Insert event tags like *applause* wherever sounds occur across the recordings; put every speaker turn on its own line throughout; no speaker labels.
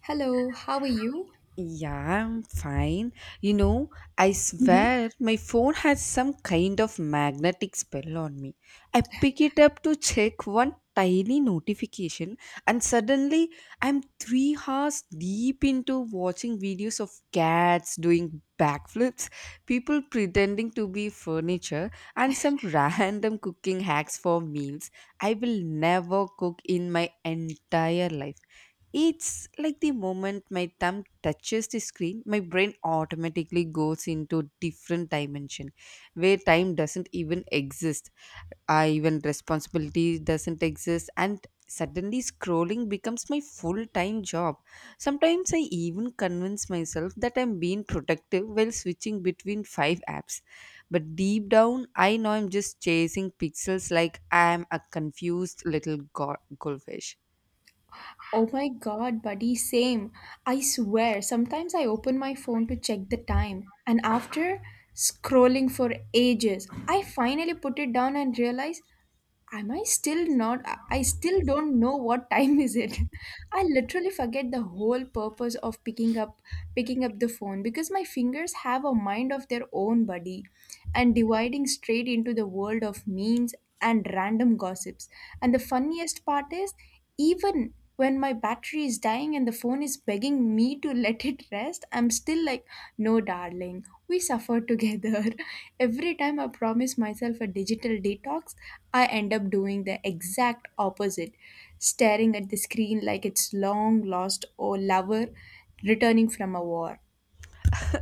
Hello, how are you?
Yeah, I'm fine. You know, I
Mhm.
swear my phone has some kind of magnetic spell on me. I pick it up to check one tiny notification, and suddenly I'm 3 hours deep into watching videos of cats doing backflips, people pretending to be furniture, and some *laughs* random cooking hacks for meals I will never cook in my entire life. It's like the moment my thumb touches the screen, my brain automatically goes into different dimension where time doesn't even exist. I even responsibility doesn't exist and suddenly scrolling becomes my full-time job. Sometimes I even convince myself that I'm being productive while switching between five apps. But deep down, I know I'm just chasing pixels like I'm a confused little goldfish.
Oh my god, buddy, same. I swear, sometimes I open my phone to check the time, and after scrolling for ages, I finally put it down and realize, am I still not? I still don't know what time is it. *laughs* I literally forget the whole purpose of picking up the phone because my fingers have a mind of their own, buddy, and dividing straight into the world of memes and random gossips. And the funniest part is even when my battery is dying and the phone is begging me to *laughs* let it rest, I'm still like, no, darling, we suffer together. *laughs* Every time I promise myself a digital detox, I end up doing the exact opposite, staring at the screen like it's long lost or lover returning from a war.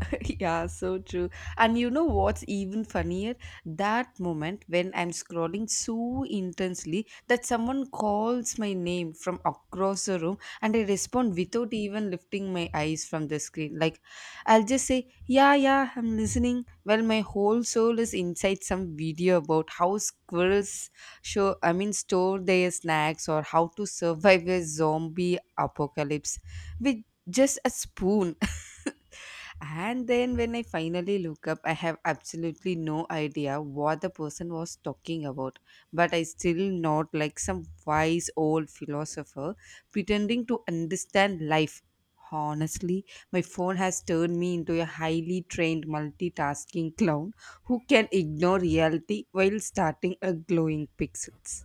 *laughs* Yeah, so true. And you know what's even funnier? That moment when I'm scrolling so intensely that someone calls my name from across the room and I respond without even lifting my eyes from the screen. Like, I'll just say, yeah, yeah, I'm listening. Well, my whole soul is inside some video about how squirrels store their snacks or how to survive a zombie apocalypse with just a spoon. *laughs* And then when I finally look up, I have absolutely no idea what the person was talking about. But I still not like some wise old philosopher pretending to understand life. Honestly, my phone has turned me into a highly trained multitasking clown who can ignore reality while starting a glowing pixels.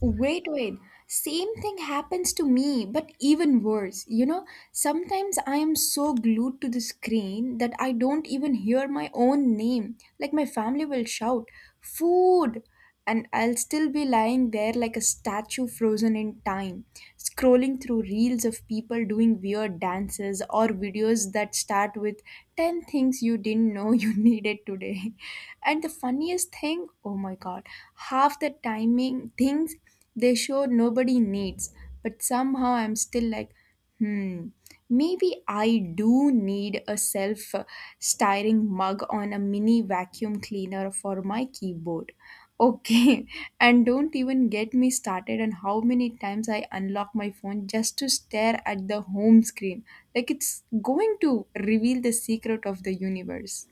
Wait. Same thing happens to me, but even worse. You know, sometimes I am so glued to the screen that I don't even hear my own name. Like my family will shout, food! And I'll still be lying there like a statue frozen in time, scrolling through reels of people doing weird dances or videos that start with 10 things you didn't know you *laughs* needed today. And the funniest thing think, oh my god, half the timing things they show nobody needs. But somehow I'm still like, hmm, maybe I do need a self styring mug on a mini vacuum cleaner for my keyboard. Okay. *laughs* And don't even get me started on how many times I unlock my phone just to stare at the home screen. Like it's going to reveal the secret of the universe.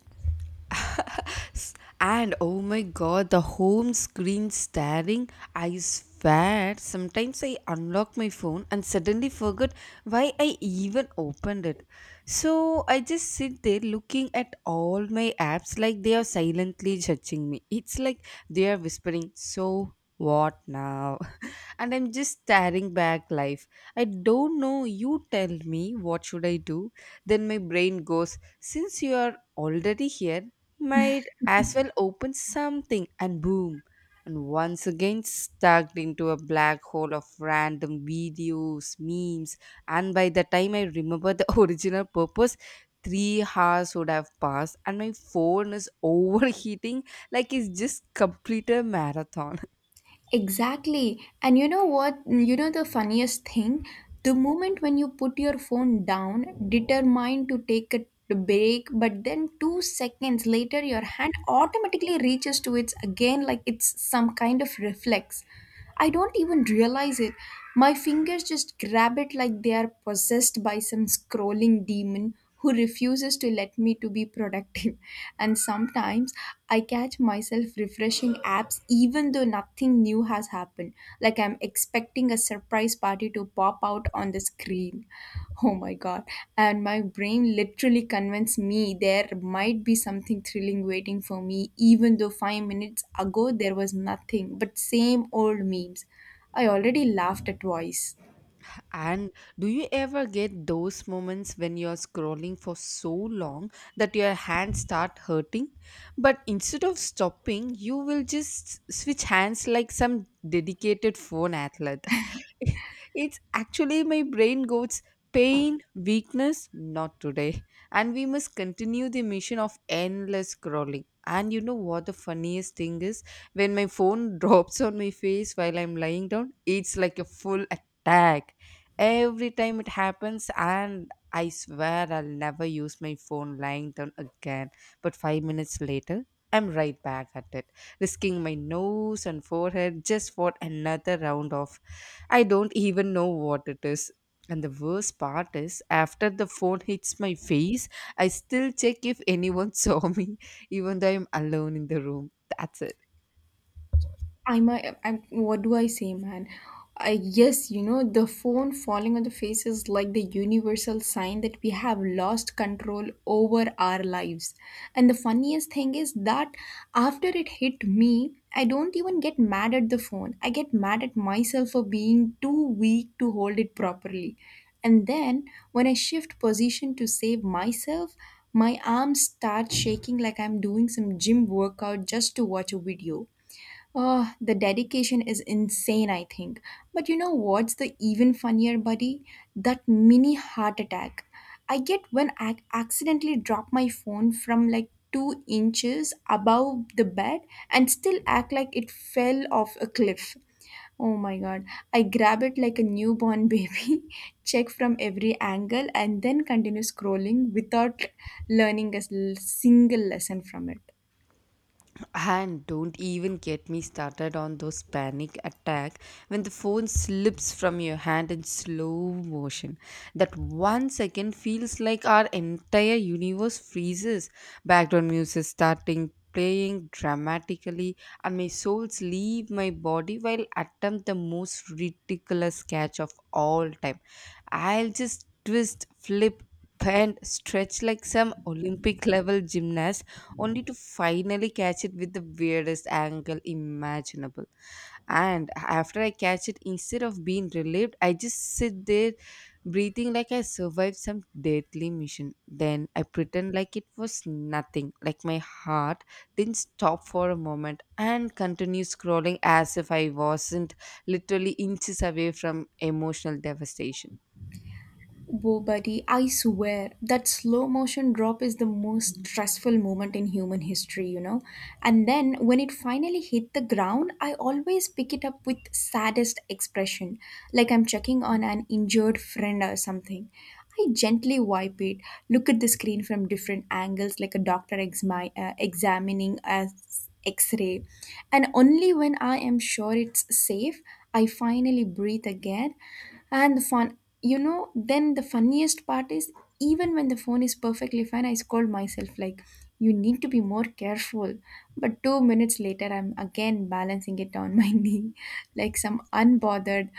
*laughs* And oh my god, the home screen staring. I swear, sometimes I unlock my phone and suddenly forget why I even opened it. So I just sit there looking at all my apps like they are silently judging me. It's like they are whispering, so what now? *laughs* And I'm just staring back life. I don't know. You tell me, what should I do? Then my brain goes, since you are already here, might as well open something, and boom, and once again stuck into a black hole of random videos memes, and by the time I remember the *laughs* original purpose, 3 hours would have passed and my phone is *laughs* overheating like it's just completed a marathon.
Exactly. And you know what? You know the funniest thing? The moment when you put your phone down, determined to take a break, but then 2 seconds later, your hand automatically reaches to it again, like it's some kind of reflex. I don't even realize it. My fingers just grab it like they are possessed by some scrolling demon who refuses to let me to be productive. *laughs* And sometimes I catch myself refreshing apps even though nothing new has happened, like I'm expecting a surprise party to pop out on the screen. Oh my god. And my brain literally convinced me there might be something thrilling waiting for me, even though 5 minutes ago there was nothing but same old memes I already laughed at twice.
And do you ever get those moments when you're scrolling for so long that your hands start hurting? But instead of stopping, you will just switch hands like some dedicated phone athlete. *laughs* It's actually my brain goes, pain, weakness, not today. And we must continue the mission of endless scrolling. And you know what the funniest thing is? When my phone *laughs* drops on my face while I'm lying down, it's like a full attack every time it happens, and I swear I'll never use my phone lying down again, but 5 minutes later I'm right back at it, risking my nose and forehead just for another round of I don't even know what it is. And the worst part is, after the phone hits my face, I still check if anyone *laughs* saw me, even though I'm alone in the room. That's it.
I'm what do I say, man? I Yes, the phone falling on the face is like the universal sign that we have lost control over our lives. And the funniest thing is that after it hit me, I don't even get mad at the phone. I get mad at myself for being too weak to hold it properly. And then when I shift position to save myself, my arms start shaking like I'm doing some gym workout just to watch a video. Oh, the dedication is insane, I think. But you know what's the even funnier, buddy? That mini heart attack I get when I accidentally drop my phone from like 2 inches above the bed and still act like it fell off a cliff. Oh my god, I grab it like a newborn baby, *laughs* check from every angle, and then continue scrolling without single lesson from it.
And don't even get me started on those panic attack when the phone slips from your hand in slow motion. That 1 second feels like our entire universe freezes. Background music starting playing dramatically and my souls leave my body while attempt the most ridiculous catch of all time. I'll just twist, flip, bend, stretch like some Olympic level gymnast only to finally catch it with the weirdest angle imaginable. And after I catch it, instead of being relieved, I just sit there breathing like I survived some deadly mission. Then I pretend like it was nothing, like my heart didn't stop for a moment, and continue scrolling as if I wasn't literally inches away from emotional devastation.
Whoa, buddy, I swear that slow motion drop is the most stressful moment in human history, you know. And then when it finally hit the ground, I always pick it up with saddest expression, like I'm checking on an injured friend or something. I gently wipe it, look at the screen from different angles, like a doctor examining a x-ray, and only when I am sure it's safe, I finally breathe again. And the fun, you know, then the funniest part is even when the phone is perfectly fine, I scold myself like, you need to be more careful. But 2 minutes later, I'm again balancing it on my *laughs* knee like some unbothered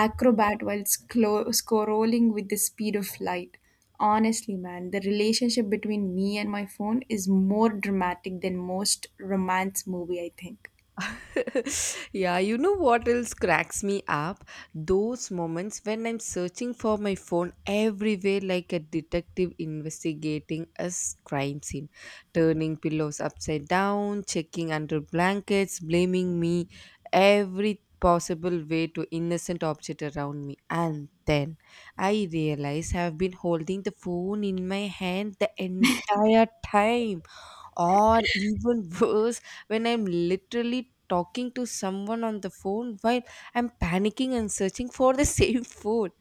acrobat while scrolling with the speed of light. Honestly, man, the relationship between me and my phone is more dramatic than most romance movie, I think.
*laughs* Yeah, you know what else cracks me up? Those moments when I'm searching for my phone everywhere like a detective investigating a crime scene, turning pillows upside down, checking under blankets, blaming me every possible way to innocent object around me, and then I realize I've been holding the phone in my hand the entire time. Or even *laughs* worse, when I'm literally talking to someone on the phone while I'm panicking and searching for the *laughs* same food.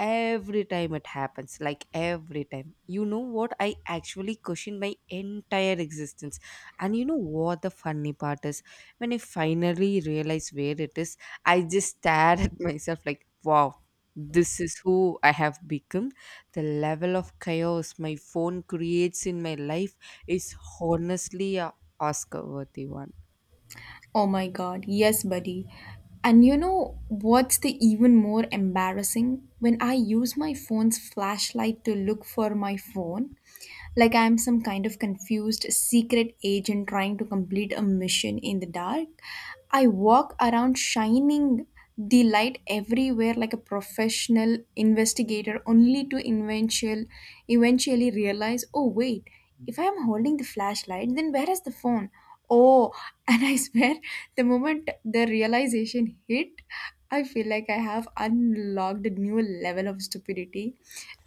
Every time it happens, like every time, you know what, I actually question my entire existence. And you know what the funny part is? When I finally realize where it is, I just stare at *laughs* myself like, wow, this is who I have become. The level of chaos my phone creates in my life is honestly a oscar worthy one.
Oh my god, yes, buddy. And you know what's the even more embarrassing? When I use my phone's flashlight to look for my phone, like I'm some kind of confused secret agent trying to complete a mission in the dark, I walk around shining the light everywhere like a professional investigator only to eventually realize, oh wait, if I am holding the flashlight then where is the phone? Oh, *laughs* and I swear, the moment the realization hit, I feel like I have unlocked a new level of stupidity.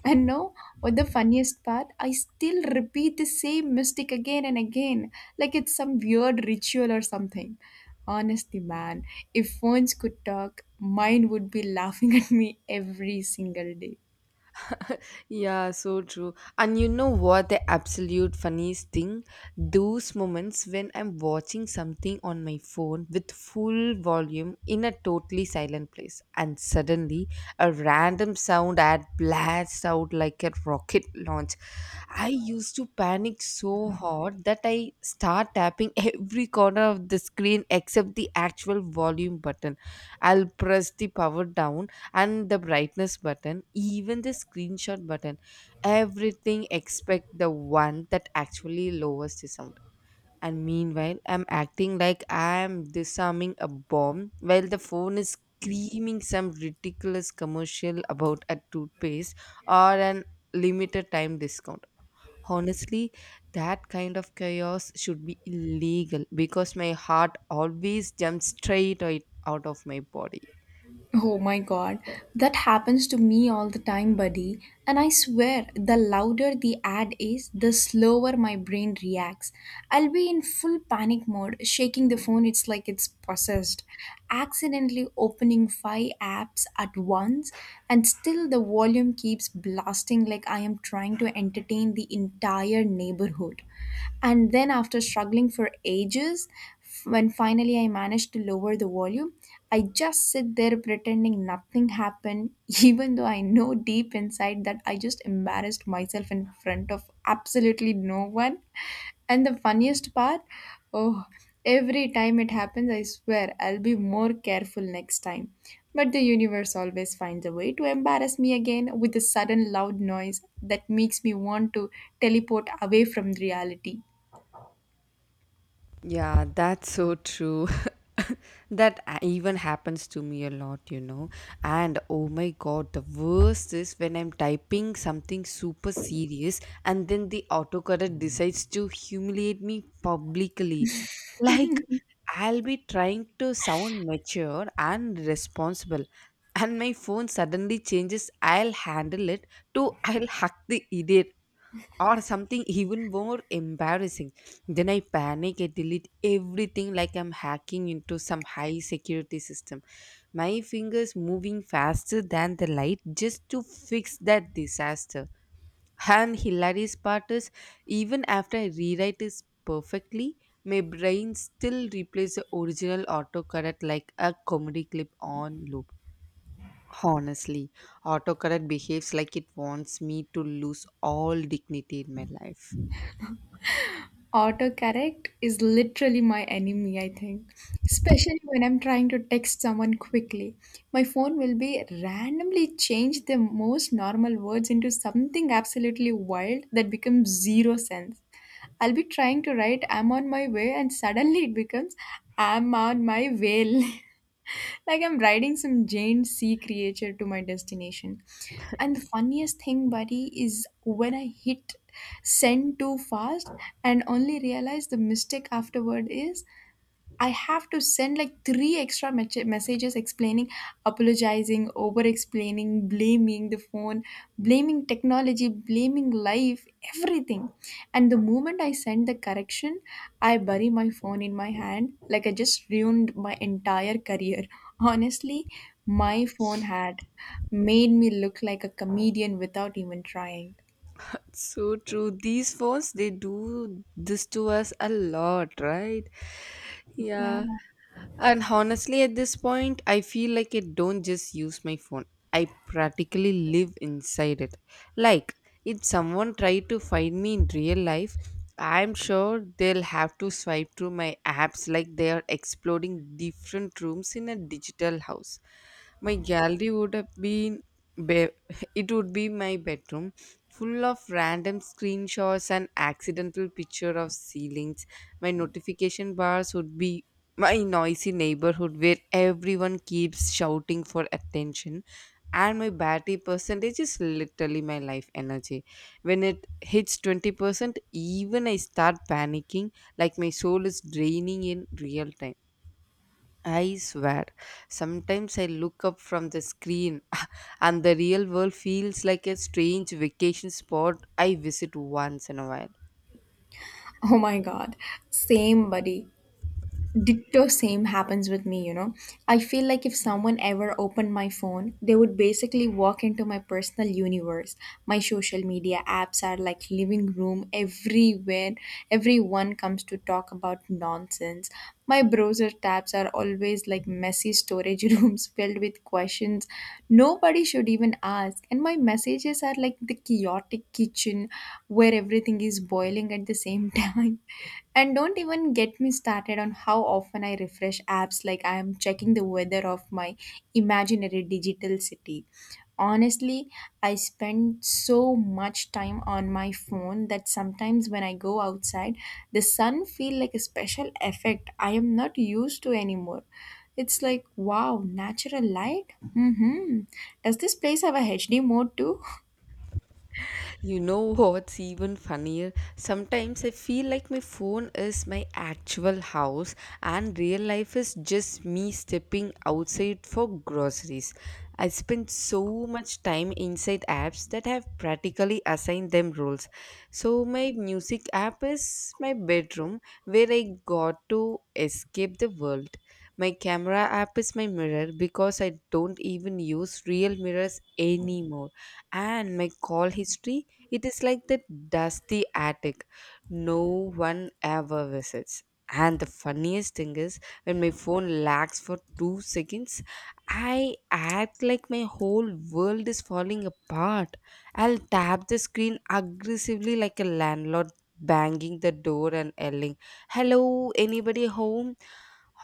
And no, what the funniest part, I still repeat the same mistake again and again, like it's some weird ritual or something. Honestly, man, if phones could talk, mine would be laughing at me every single day.
Yeah, so true. And you know what the absolute funniest thing? Those moments when I'm watching something on my phone with full volume in a totally silent place, and suddenly a random sound ad blasts out like a rocket launch. I used to panic so hard that I start tapping *laughs* every corner of the screen except the actual volume button. I'll press the power down and the brightness button, even the screenshot button, everything except the one that actually lowers the sound. And meanwhile, I'm acting like I'm disarming a bomb while the phone is screaming some ridiculous commercial about a toothpaste or an limited time discount. Honestly, that kind of chaos should be illegal because my heart always jumps straight out of my body.
Oh my god, that happens to me all the time, buddy. And I swear, the louder the ad is, the slower my brain reacts. I'll be in full panic mode, shaking the phone, it's like it's possessed. Accidentally opening five apps at once, and still the volume keeps blasting like I am trying to entertain the entire neighborhood. And then, after struggling for ages, when finally I managed to lower the volume, I just sit there pretending nothing happened, *laughs* even though I know deep inside that I just embarrassed myself in front of absolutely no one. And the funniest part, oh, every time it happens, I swear I'll be more careful next time. But the universe always finds a way to embarrass me again with a sudden loud noise that makes me want to teleport away from reality.
Yeah, that's so true. *laughs* That even happens to me a lot, you know. And oh my god, the worst is when I'm typing something super serious and then the autocorrect decides to humiliate me publicly. Like, I'll be trying to sound mature and responsible, and my phone suddenly changes "I'll handle it" to "I'll hack the idiot" or something even more embarrassing. Then I panic, I delete everything like I'm hacking into some high security system. My fingers moving faster than the light just to fix that disaster. And hilarious part is, even after I rewrite it perfectly, my brain still replays the original autocorrect like a comedy clip on loop. Honestly, autocorrect behaves like it wants me to lose all dignity in my life.
Autocorrect is literally my enemy, I think. Especially when I'm trying to text someone quickly. My phone will be randomly change the most normal words into something absolutely wild that becomes zero sense. I'll be trying to write I'm on my way and suddenly it becomes I'm on my whale. *laughs* Like I'm riding some giant sea creature to my destination. And the funniest thing, buddy, is when I hit send too fast and only realize the mistake afterward is I have to send like three extra messages explaining, apologizing, over explaining, blaming the phone, blaming technology, blaming life, everything. And the moment I send the correction, I bury my phone in my hand like I just ruined my entire career. Honestly, my phone had made me look like a comedian without even trying.
So true. These phones, they do this to us a lot, right?
Yeah.
Yeah. And honestly, at this point, I feel like I don't just use my phone. I practically live inside it. Like, if someone tried to find me in real life, I'm sure they'll have to swipe through my apps like they are exploring different rooms in a digital house. My gallery would have be- *laughs* it would be my bedroom, full of random screenshots and accidental picture of ceilings. My notification bars would be my noisy neighborhood where everyone keeps shouting for attention, and my battery percentage is literally my life energy. When it hits 20%, even I start panicking, like my soul is draining in real time. I swear, sometimes I look up from the screen *laughs* and the real world feels like a strange vacation spot I visit once in a while.
Oh my god. Same, buddy. Ditto, same happens with me, you know. I feel like if someone ever opened my phone, they would basically walk into my personal universe. My social media apps are like living room everywhere. Everyone comes to talk about nonsense. My browser tabs are always like messy storage *laughs* rooms filled with questions nobody should even ask. And my messages are like the chaotic kitchen where everything is boiling smiling at the same *laughs* time. And don't even get me started on how often I refresh apps like I am checking the weather of my imaginary digital city. Honestly, I spend so much time on my phone that sometimes when I go outside, the sun feel like a special effect I am not used to anymore. It's like, wow, natural light? Mm-hmm. Does this place have a HD mode too?
You know what's even funnier? Sometimes I feel like my phone is my actual house and real life is just me stepping outside for groceries. I spend so much time inside apps that have practically assigned them roles. So my music app is my bedroom where I got to escape the world. My camera app is my mirror because I don't even use real mirrors anymore. And my call history, it is like the dusty attic no one ever visits. And the funniest thing is, when my phone lags for 2 seconds, I act like my whole world is falling apart. I'll tap the screen aggressively like a landlord banging the door and yelling, hello, anybody home?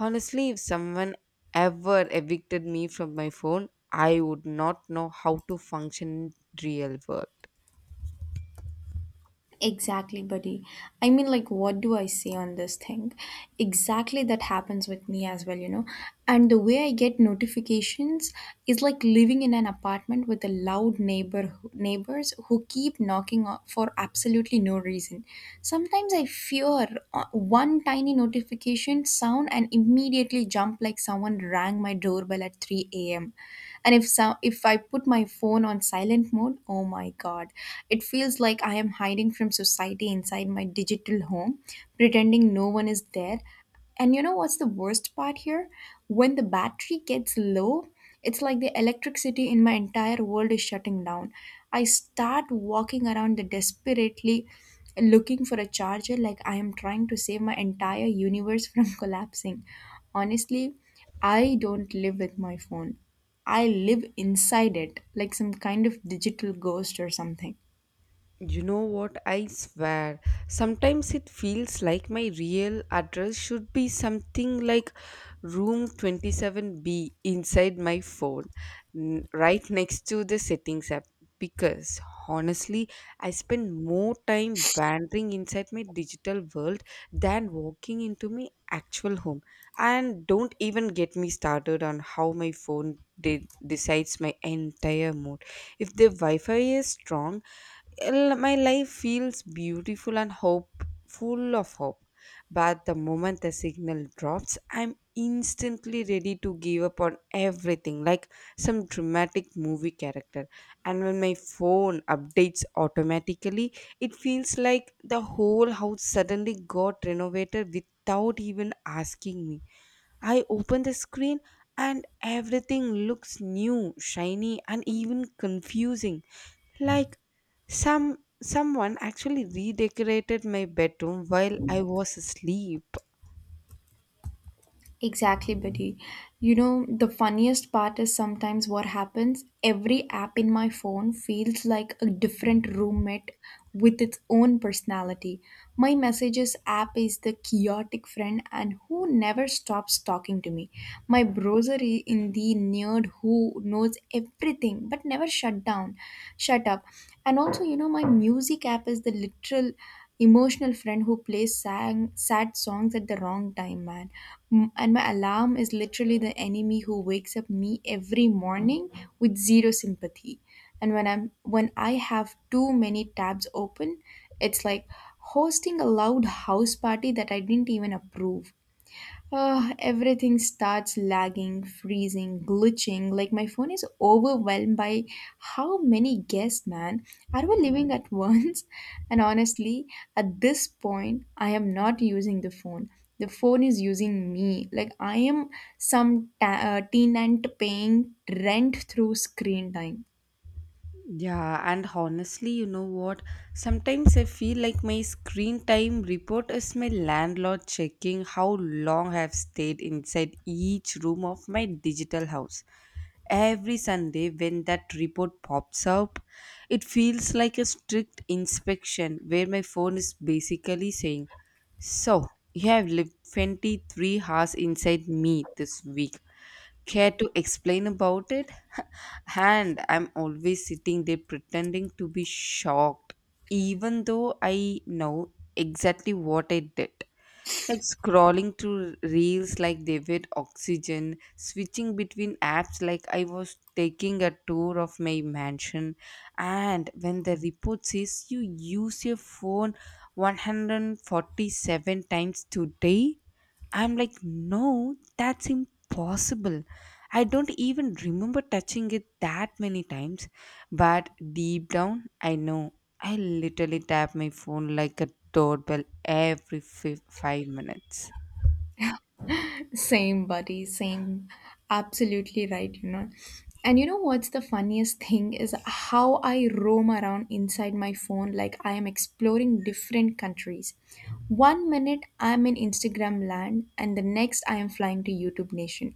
Honestly, if someone ever evicted me from my phone, I would not know how to function in real world.
Exactly, buddy. I mean, like, what do I say on this thing? Exactly that happens with me as well, you know. And the way I get notifications is like living in an apartment with a loud neighbors who keep for absolutely no reason. Sometimes I fear one tiny notification sound and immediately jump like someone rang my doorbell at 3 a.m. And if so, if I put my phone on silent mode, oh my god, it feels like I am hiding from society inside my digital home pretending no one is there. And you know what's the worst part here? When the battery gets low, it's like the electricity in my entire world is shutting down. I start walking around the desperately looking for a charger like I am trying to save my entire universe from *laughs* collapsing. Honestly, I don't live with my phone. I live inside it like some kind of digital ghost or something.
You know what? I swear. Sometimes it feels like my real address should be something like room 27B inside my phone, right next to the settings app. Because honestly, I spend more time wandering inside my digital world than walking into my actual home. And don't even get me started on how my phone decides my entire mood. If the Wi Fi is strong, my life feels beautiful and hope full of hope, but the moment the signal drops, I'm instantly ready to give up on everything like some dramatic movie character. And when my phone updates automatically, it feels like the whole house suddenly got renovated without even asking me. I open the screen and everything looks new, shiny, and even confusing, like someone actually redecorated my bedroom while I was asleep.
Exactly, buddy. You know, the funniest part is sometimes what happens every app in my phone feels like a different roommate with its own personality. My messages app is the chaotic friend and who never stops talking to me. My browser is in the nerd who knows everything but never shut up. And also, you know, my music app is the literal emotional friend who plays sad songs at the wrong time, man. And my alarm is literally the enemy who wakes up me every morning with zero sympathy. And when I have too many tabs open, it's like hosting a loud house party that I didn't even approve. Everything starts lagging, freezing, glitching. Like my phone is overwhelmed by how many guests, man. Are we living at once? *laughs* And honestly, at this point, I am not using the phone. The phone is using me. Like I am some tenant paying rent through screen time.
Yeah, and honestly, you know what? Sometimes I feel like my screen time report is my landlord checking how long I've stayed inside each room of my digital house. Every Sunday, when that report pops up, it feels like a strict inspection where my phone is basically saying, "So, you have lived 23 hours inside me this week, care to explain about it?" *laughs* And I'm always sitting there pretending to be shocked, even though I know exactly what I did. Like scrolling through reels like they were oxygen, switching between apps like I was taking a tour of my mansion. And when the report says you use your phone 147 times today, I'm like, "No, that's impossible. I don't even remember touching it that many times." But deep down, I know. I literally tap my phone like a doorbell every 5 minutes.
Same, buddy, same. Absolutely right, you know. And you know what's the funniest thing is how I roam around inside my phone like I am exploring different countries. One minute I'm in Instagram land, and the next I am flying to YouTube Nation.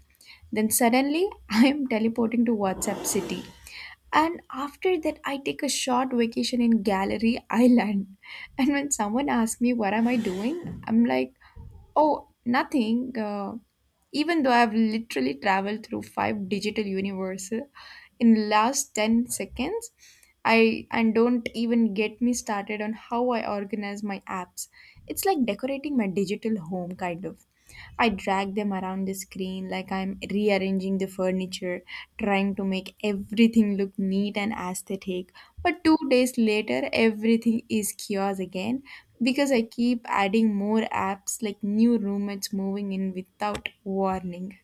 Then suddenly *laughs* I am teleporting to WhatsApp City. And after that, I take a short vacation in Gallery Island. And when someone asks me what am I doing, I'm like, oh, nothing. Even though I've literally traveled through five digital universes in last 10 seconds, I and don't even get me started on how I organize my apps. It's like decorating my digital home kind of. I drag them around the screen like I'm rearranging the furniture, trying to make everything look neat and aesthetic. But two days later, everything is chaos again because I keep adding more apps like new roommates moving in without warning.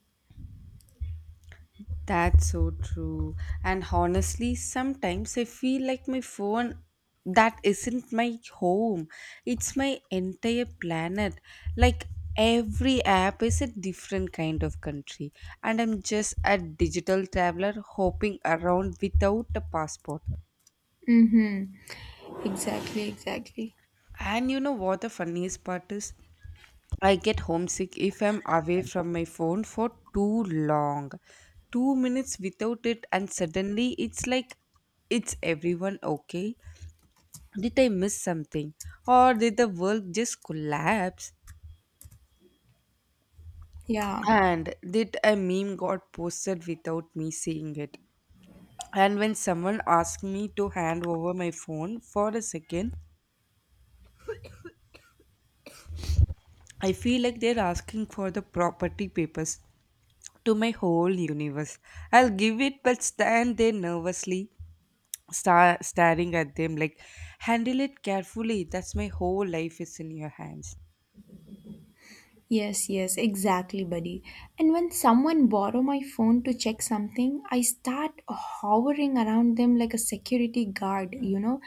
That's so true. And honestly, sometimes I feel like my phone that isn't my home. It's my entire planet. Like every app is a different kind of country and I'm just a digital traveler hopping around without a passport.
Mm-hmm. Exactly, exactly.
And you know what the funniest part is? I get homesick if I'm away from my phone for too long. 2 minutes without it, and suddenly it's like, "It's everyone okay? Did I miss something? Or did the world just collapse?
Yeah.
And did a meme got posted without me seeing it?" And when someone asks me to hand over my phone for a second, I feel like they're asking for the property papers to my whole universe. I'll give it but stand there nervously staring at them like, "Handle it carefully, that's my whole life is in your hands." *laughs*
Yes, yes, exactly, buddy. And when someone borrow my phone to check something, I start hovering around them like a security guard, you know?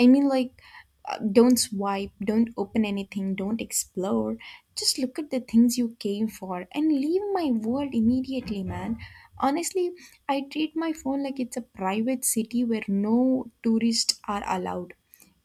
I mean like don't swipe, don't open anything, don't explore. Just look at the things you came for and leave my world immediately, man. Honestly, I treat my phone like it's a private city where no tourists are allowed.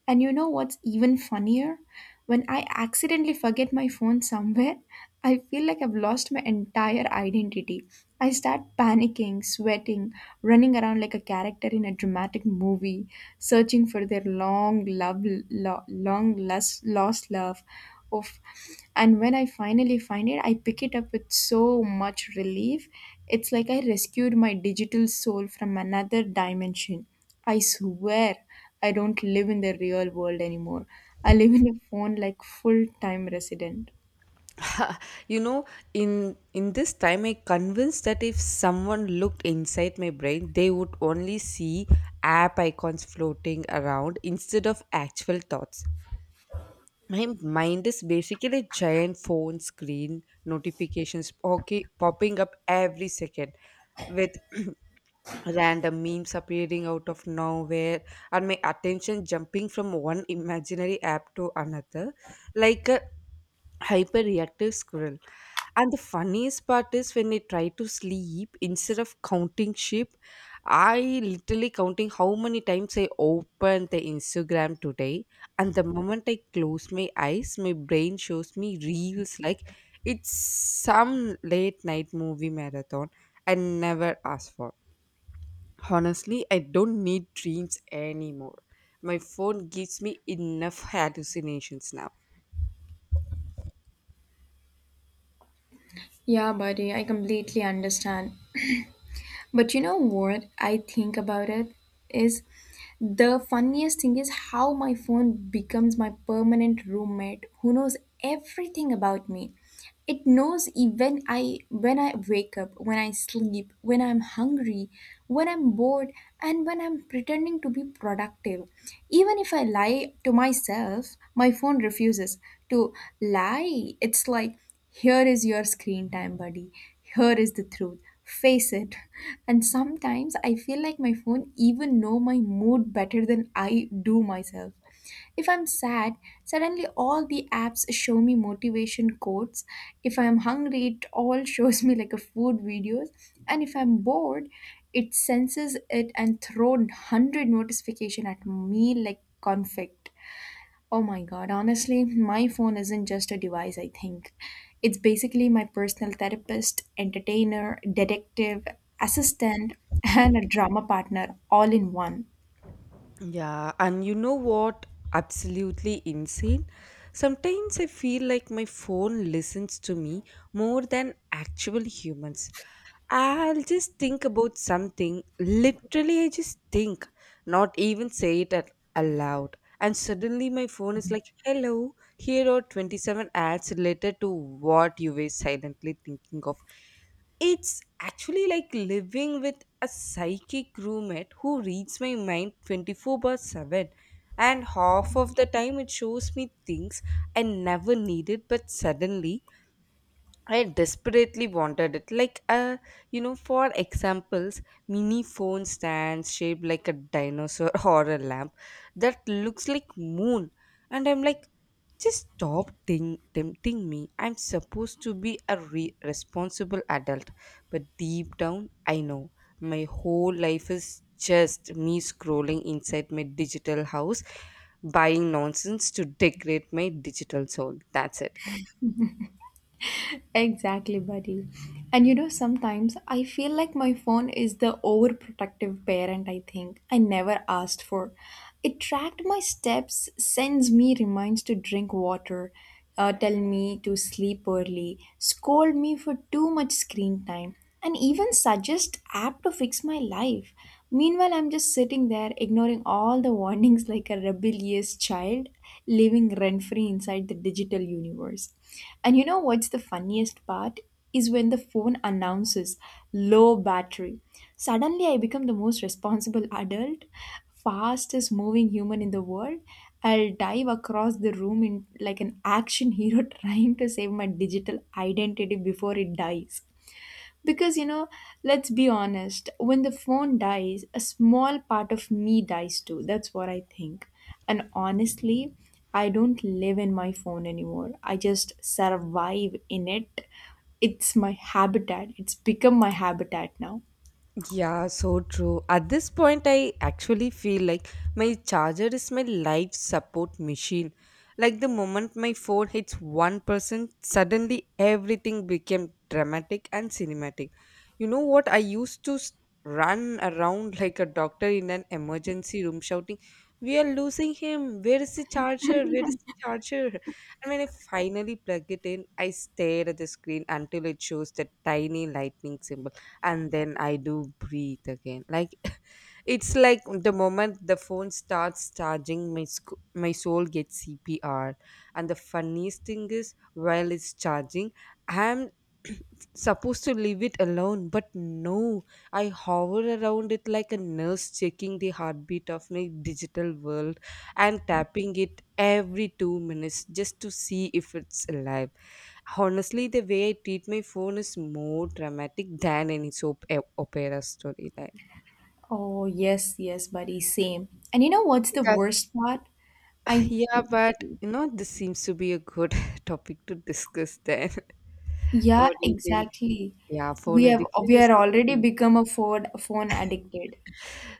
And you know what's even funnier? When I accidentally forget my phone somewhere, I feel like I've lost my entire identity. I start panicking, sweating, running around like a character in a dramatic movie, searching for their long love, long lost love. Of, and when I finally find it, I pick it up with so much relief. It's like I rescued my digital soul from another dimension. I swear. I don't live in the real world anymore. I live in a phone like full time resident.
Ha, you know, in this time I convinced that if someone looked inside my brain they would only see app icons floating around instead of actual thoughts. My mind is basically a giant phone screen, notifications okay popping up every second with *clears throat* random memes appearing out of nowhere and my attention jumping from one imaginary app to another like a hyperreactive squirrel. And the funniest part is when I try to sleep, instead of counting sheep, I literally counting how many times I opened the Instagram today. And the moment I close my eyes, my brain shows me reels like it's some late night movie marathon I never asked for. Honestly, I don't need dreams anymore. My phone gives me enough hallucinations now.
Yeah, buddy, I completely understand. But you know what I think about it is the funniest thing is how my phone becomes my permanent roommate who knows everything about me. It knows even I when I wake up, when I sleep, when I'm hungry, when I'm bored, and when I'm pretending to be productive. Even if I lie to myself, my phone refuses to lie. It's like, here is your screen time, buddy. Here is the truth. Face it. *laughs* And sometimes I feel like my phone even know my mood better than I do myself. If I'm sad, suddenly all the apps show me motivation quotes. If I'm hungry, it all *laughs* shows me like a food videos. And if I'm bored, it senses it and throw 100 notification at me like conflict. Oh my god, honestly, my phone isn't just a device, I think. It's basically my personal therapist, entertainer, detective, assistant, *laughs* and a drama partner all in one.
Yeah, and you know what? Absolutely insane. Sometimes I feel like my phone listens to me more than actual humans. I'll just think about something, literally, I just think, not even say it at, aloud. And suddenly my phone is like, "Hello, here are 27 ads related to what you were silently thinking of." It's actually like living with a psychic roommate who reads my mind 24 by 7, and half of the time it shows me things I never needed, but suddenly I desperately wanted it. Like, you know, for examples, mini phone stands shaped like a dinosaur *laughs* or a lamp that looks like moon. And I'm like, just stop think, tempting me. I'm supposed to be a responsible adult, but deep down, I know my whole life is just me scrolling inside my digital house, buying nonsense to decorate my digital soul. That's it.
Exactly, buddy. And you know, sometimes I feel like my phone is the overprotective parent I think I never asked for. It tracked my steps, sends me reminds to drink water, tell me to sleep early, scold me for too much screen time, and even suggest app to fix my life. Meanwhile, I'm just sitting there ignoring all the warnings *laughs* like a rebellious child living rent free inside the digital universe. And you know what's the funniest part? Is when the phone announces low battery. Suddenly, I become the most responsible adult, fastest moving human in the world. I'll dive across the room in like an action hero *laughs* trying to save my digital identity before it dies. Because, you know, let's be honest, when the phone dies, a small part of me dies too. That's what I think. And honestly, I don't live in my phone anymore. I just survive in it. It's my habitat. It's become my habitat now.
Yeah, so true. At this point, I actually feel like my charger is my life support machine. Like the moment my phone hits 1%, suddenly everything became dramatic and cinematic. You know what? I used to run around *laughs* like a doctor in an emergency room shouting, "We are losing him. Where is the charger? Where is the charger?" *laughs* And when I finally plug it in, I stare at the screen until it shows the tiny lightning symbol and then I do breathe again. Like it's like the moment the phone starts charging, my soul gets CPR. And the funniest thing is, while it's charging, I'm *clears throat* supposed to leave it alone, but no, I hover around it like a nurse checking the heartbeat of my digital world and tapping it every 2 minutes just to see if it's alive. Honestly, the way I treat my phone is more dramatic than any soap opera storyline.
Oh, yes, yes, buddy, same. And you know what's the worst part? I,
Yeah, but you know, this seems to be a good *laughs* topic to discuss then. *laughs*
yeah,
What do you think?
exactly.
Yeah, phone
We have
addiction
we
is
are already become a phone addicted.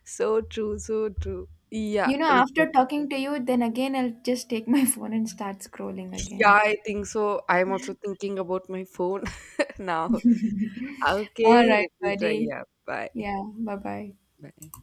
so true, so true. Yeah,
You know,
we can-
after talking to you, then again I'll just take my *laughs* phone and start scrolling
*laughs* yeah,
again.
I think so. I'm also thinking about my phone *laughs* now.
All
Okay,
right,
let me try.
buddy.
Yeah, bye.
Yeah, bye bye.
Bye.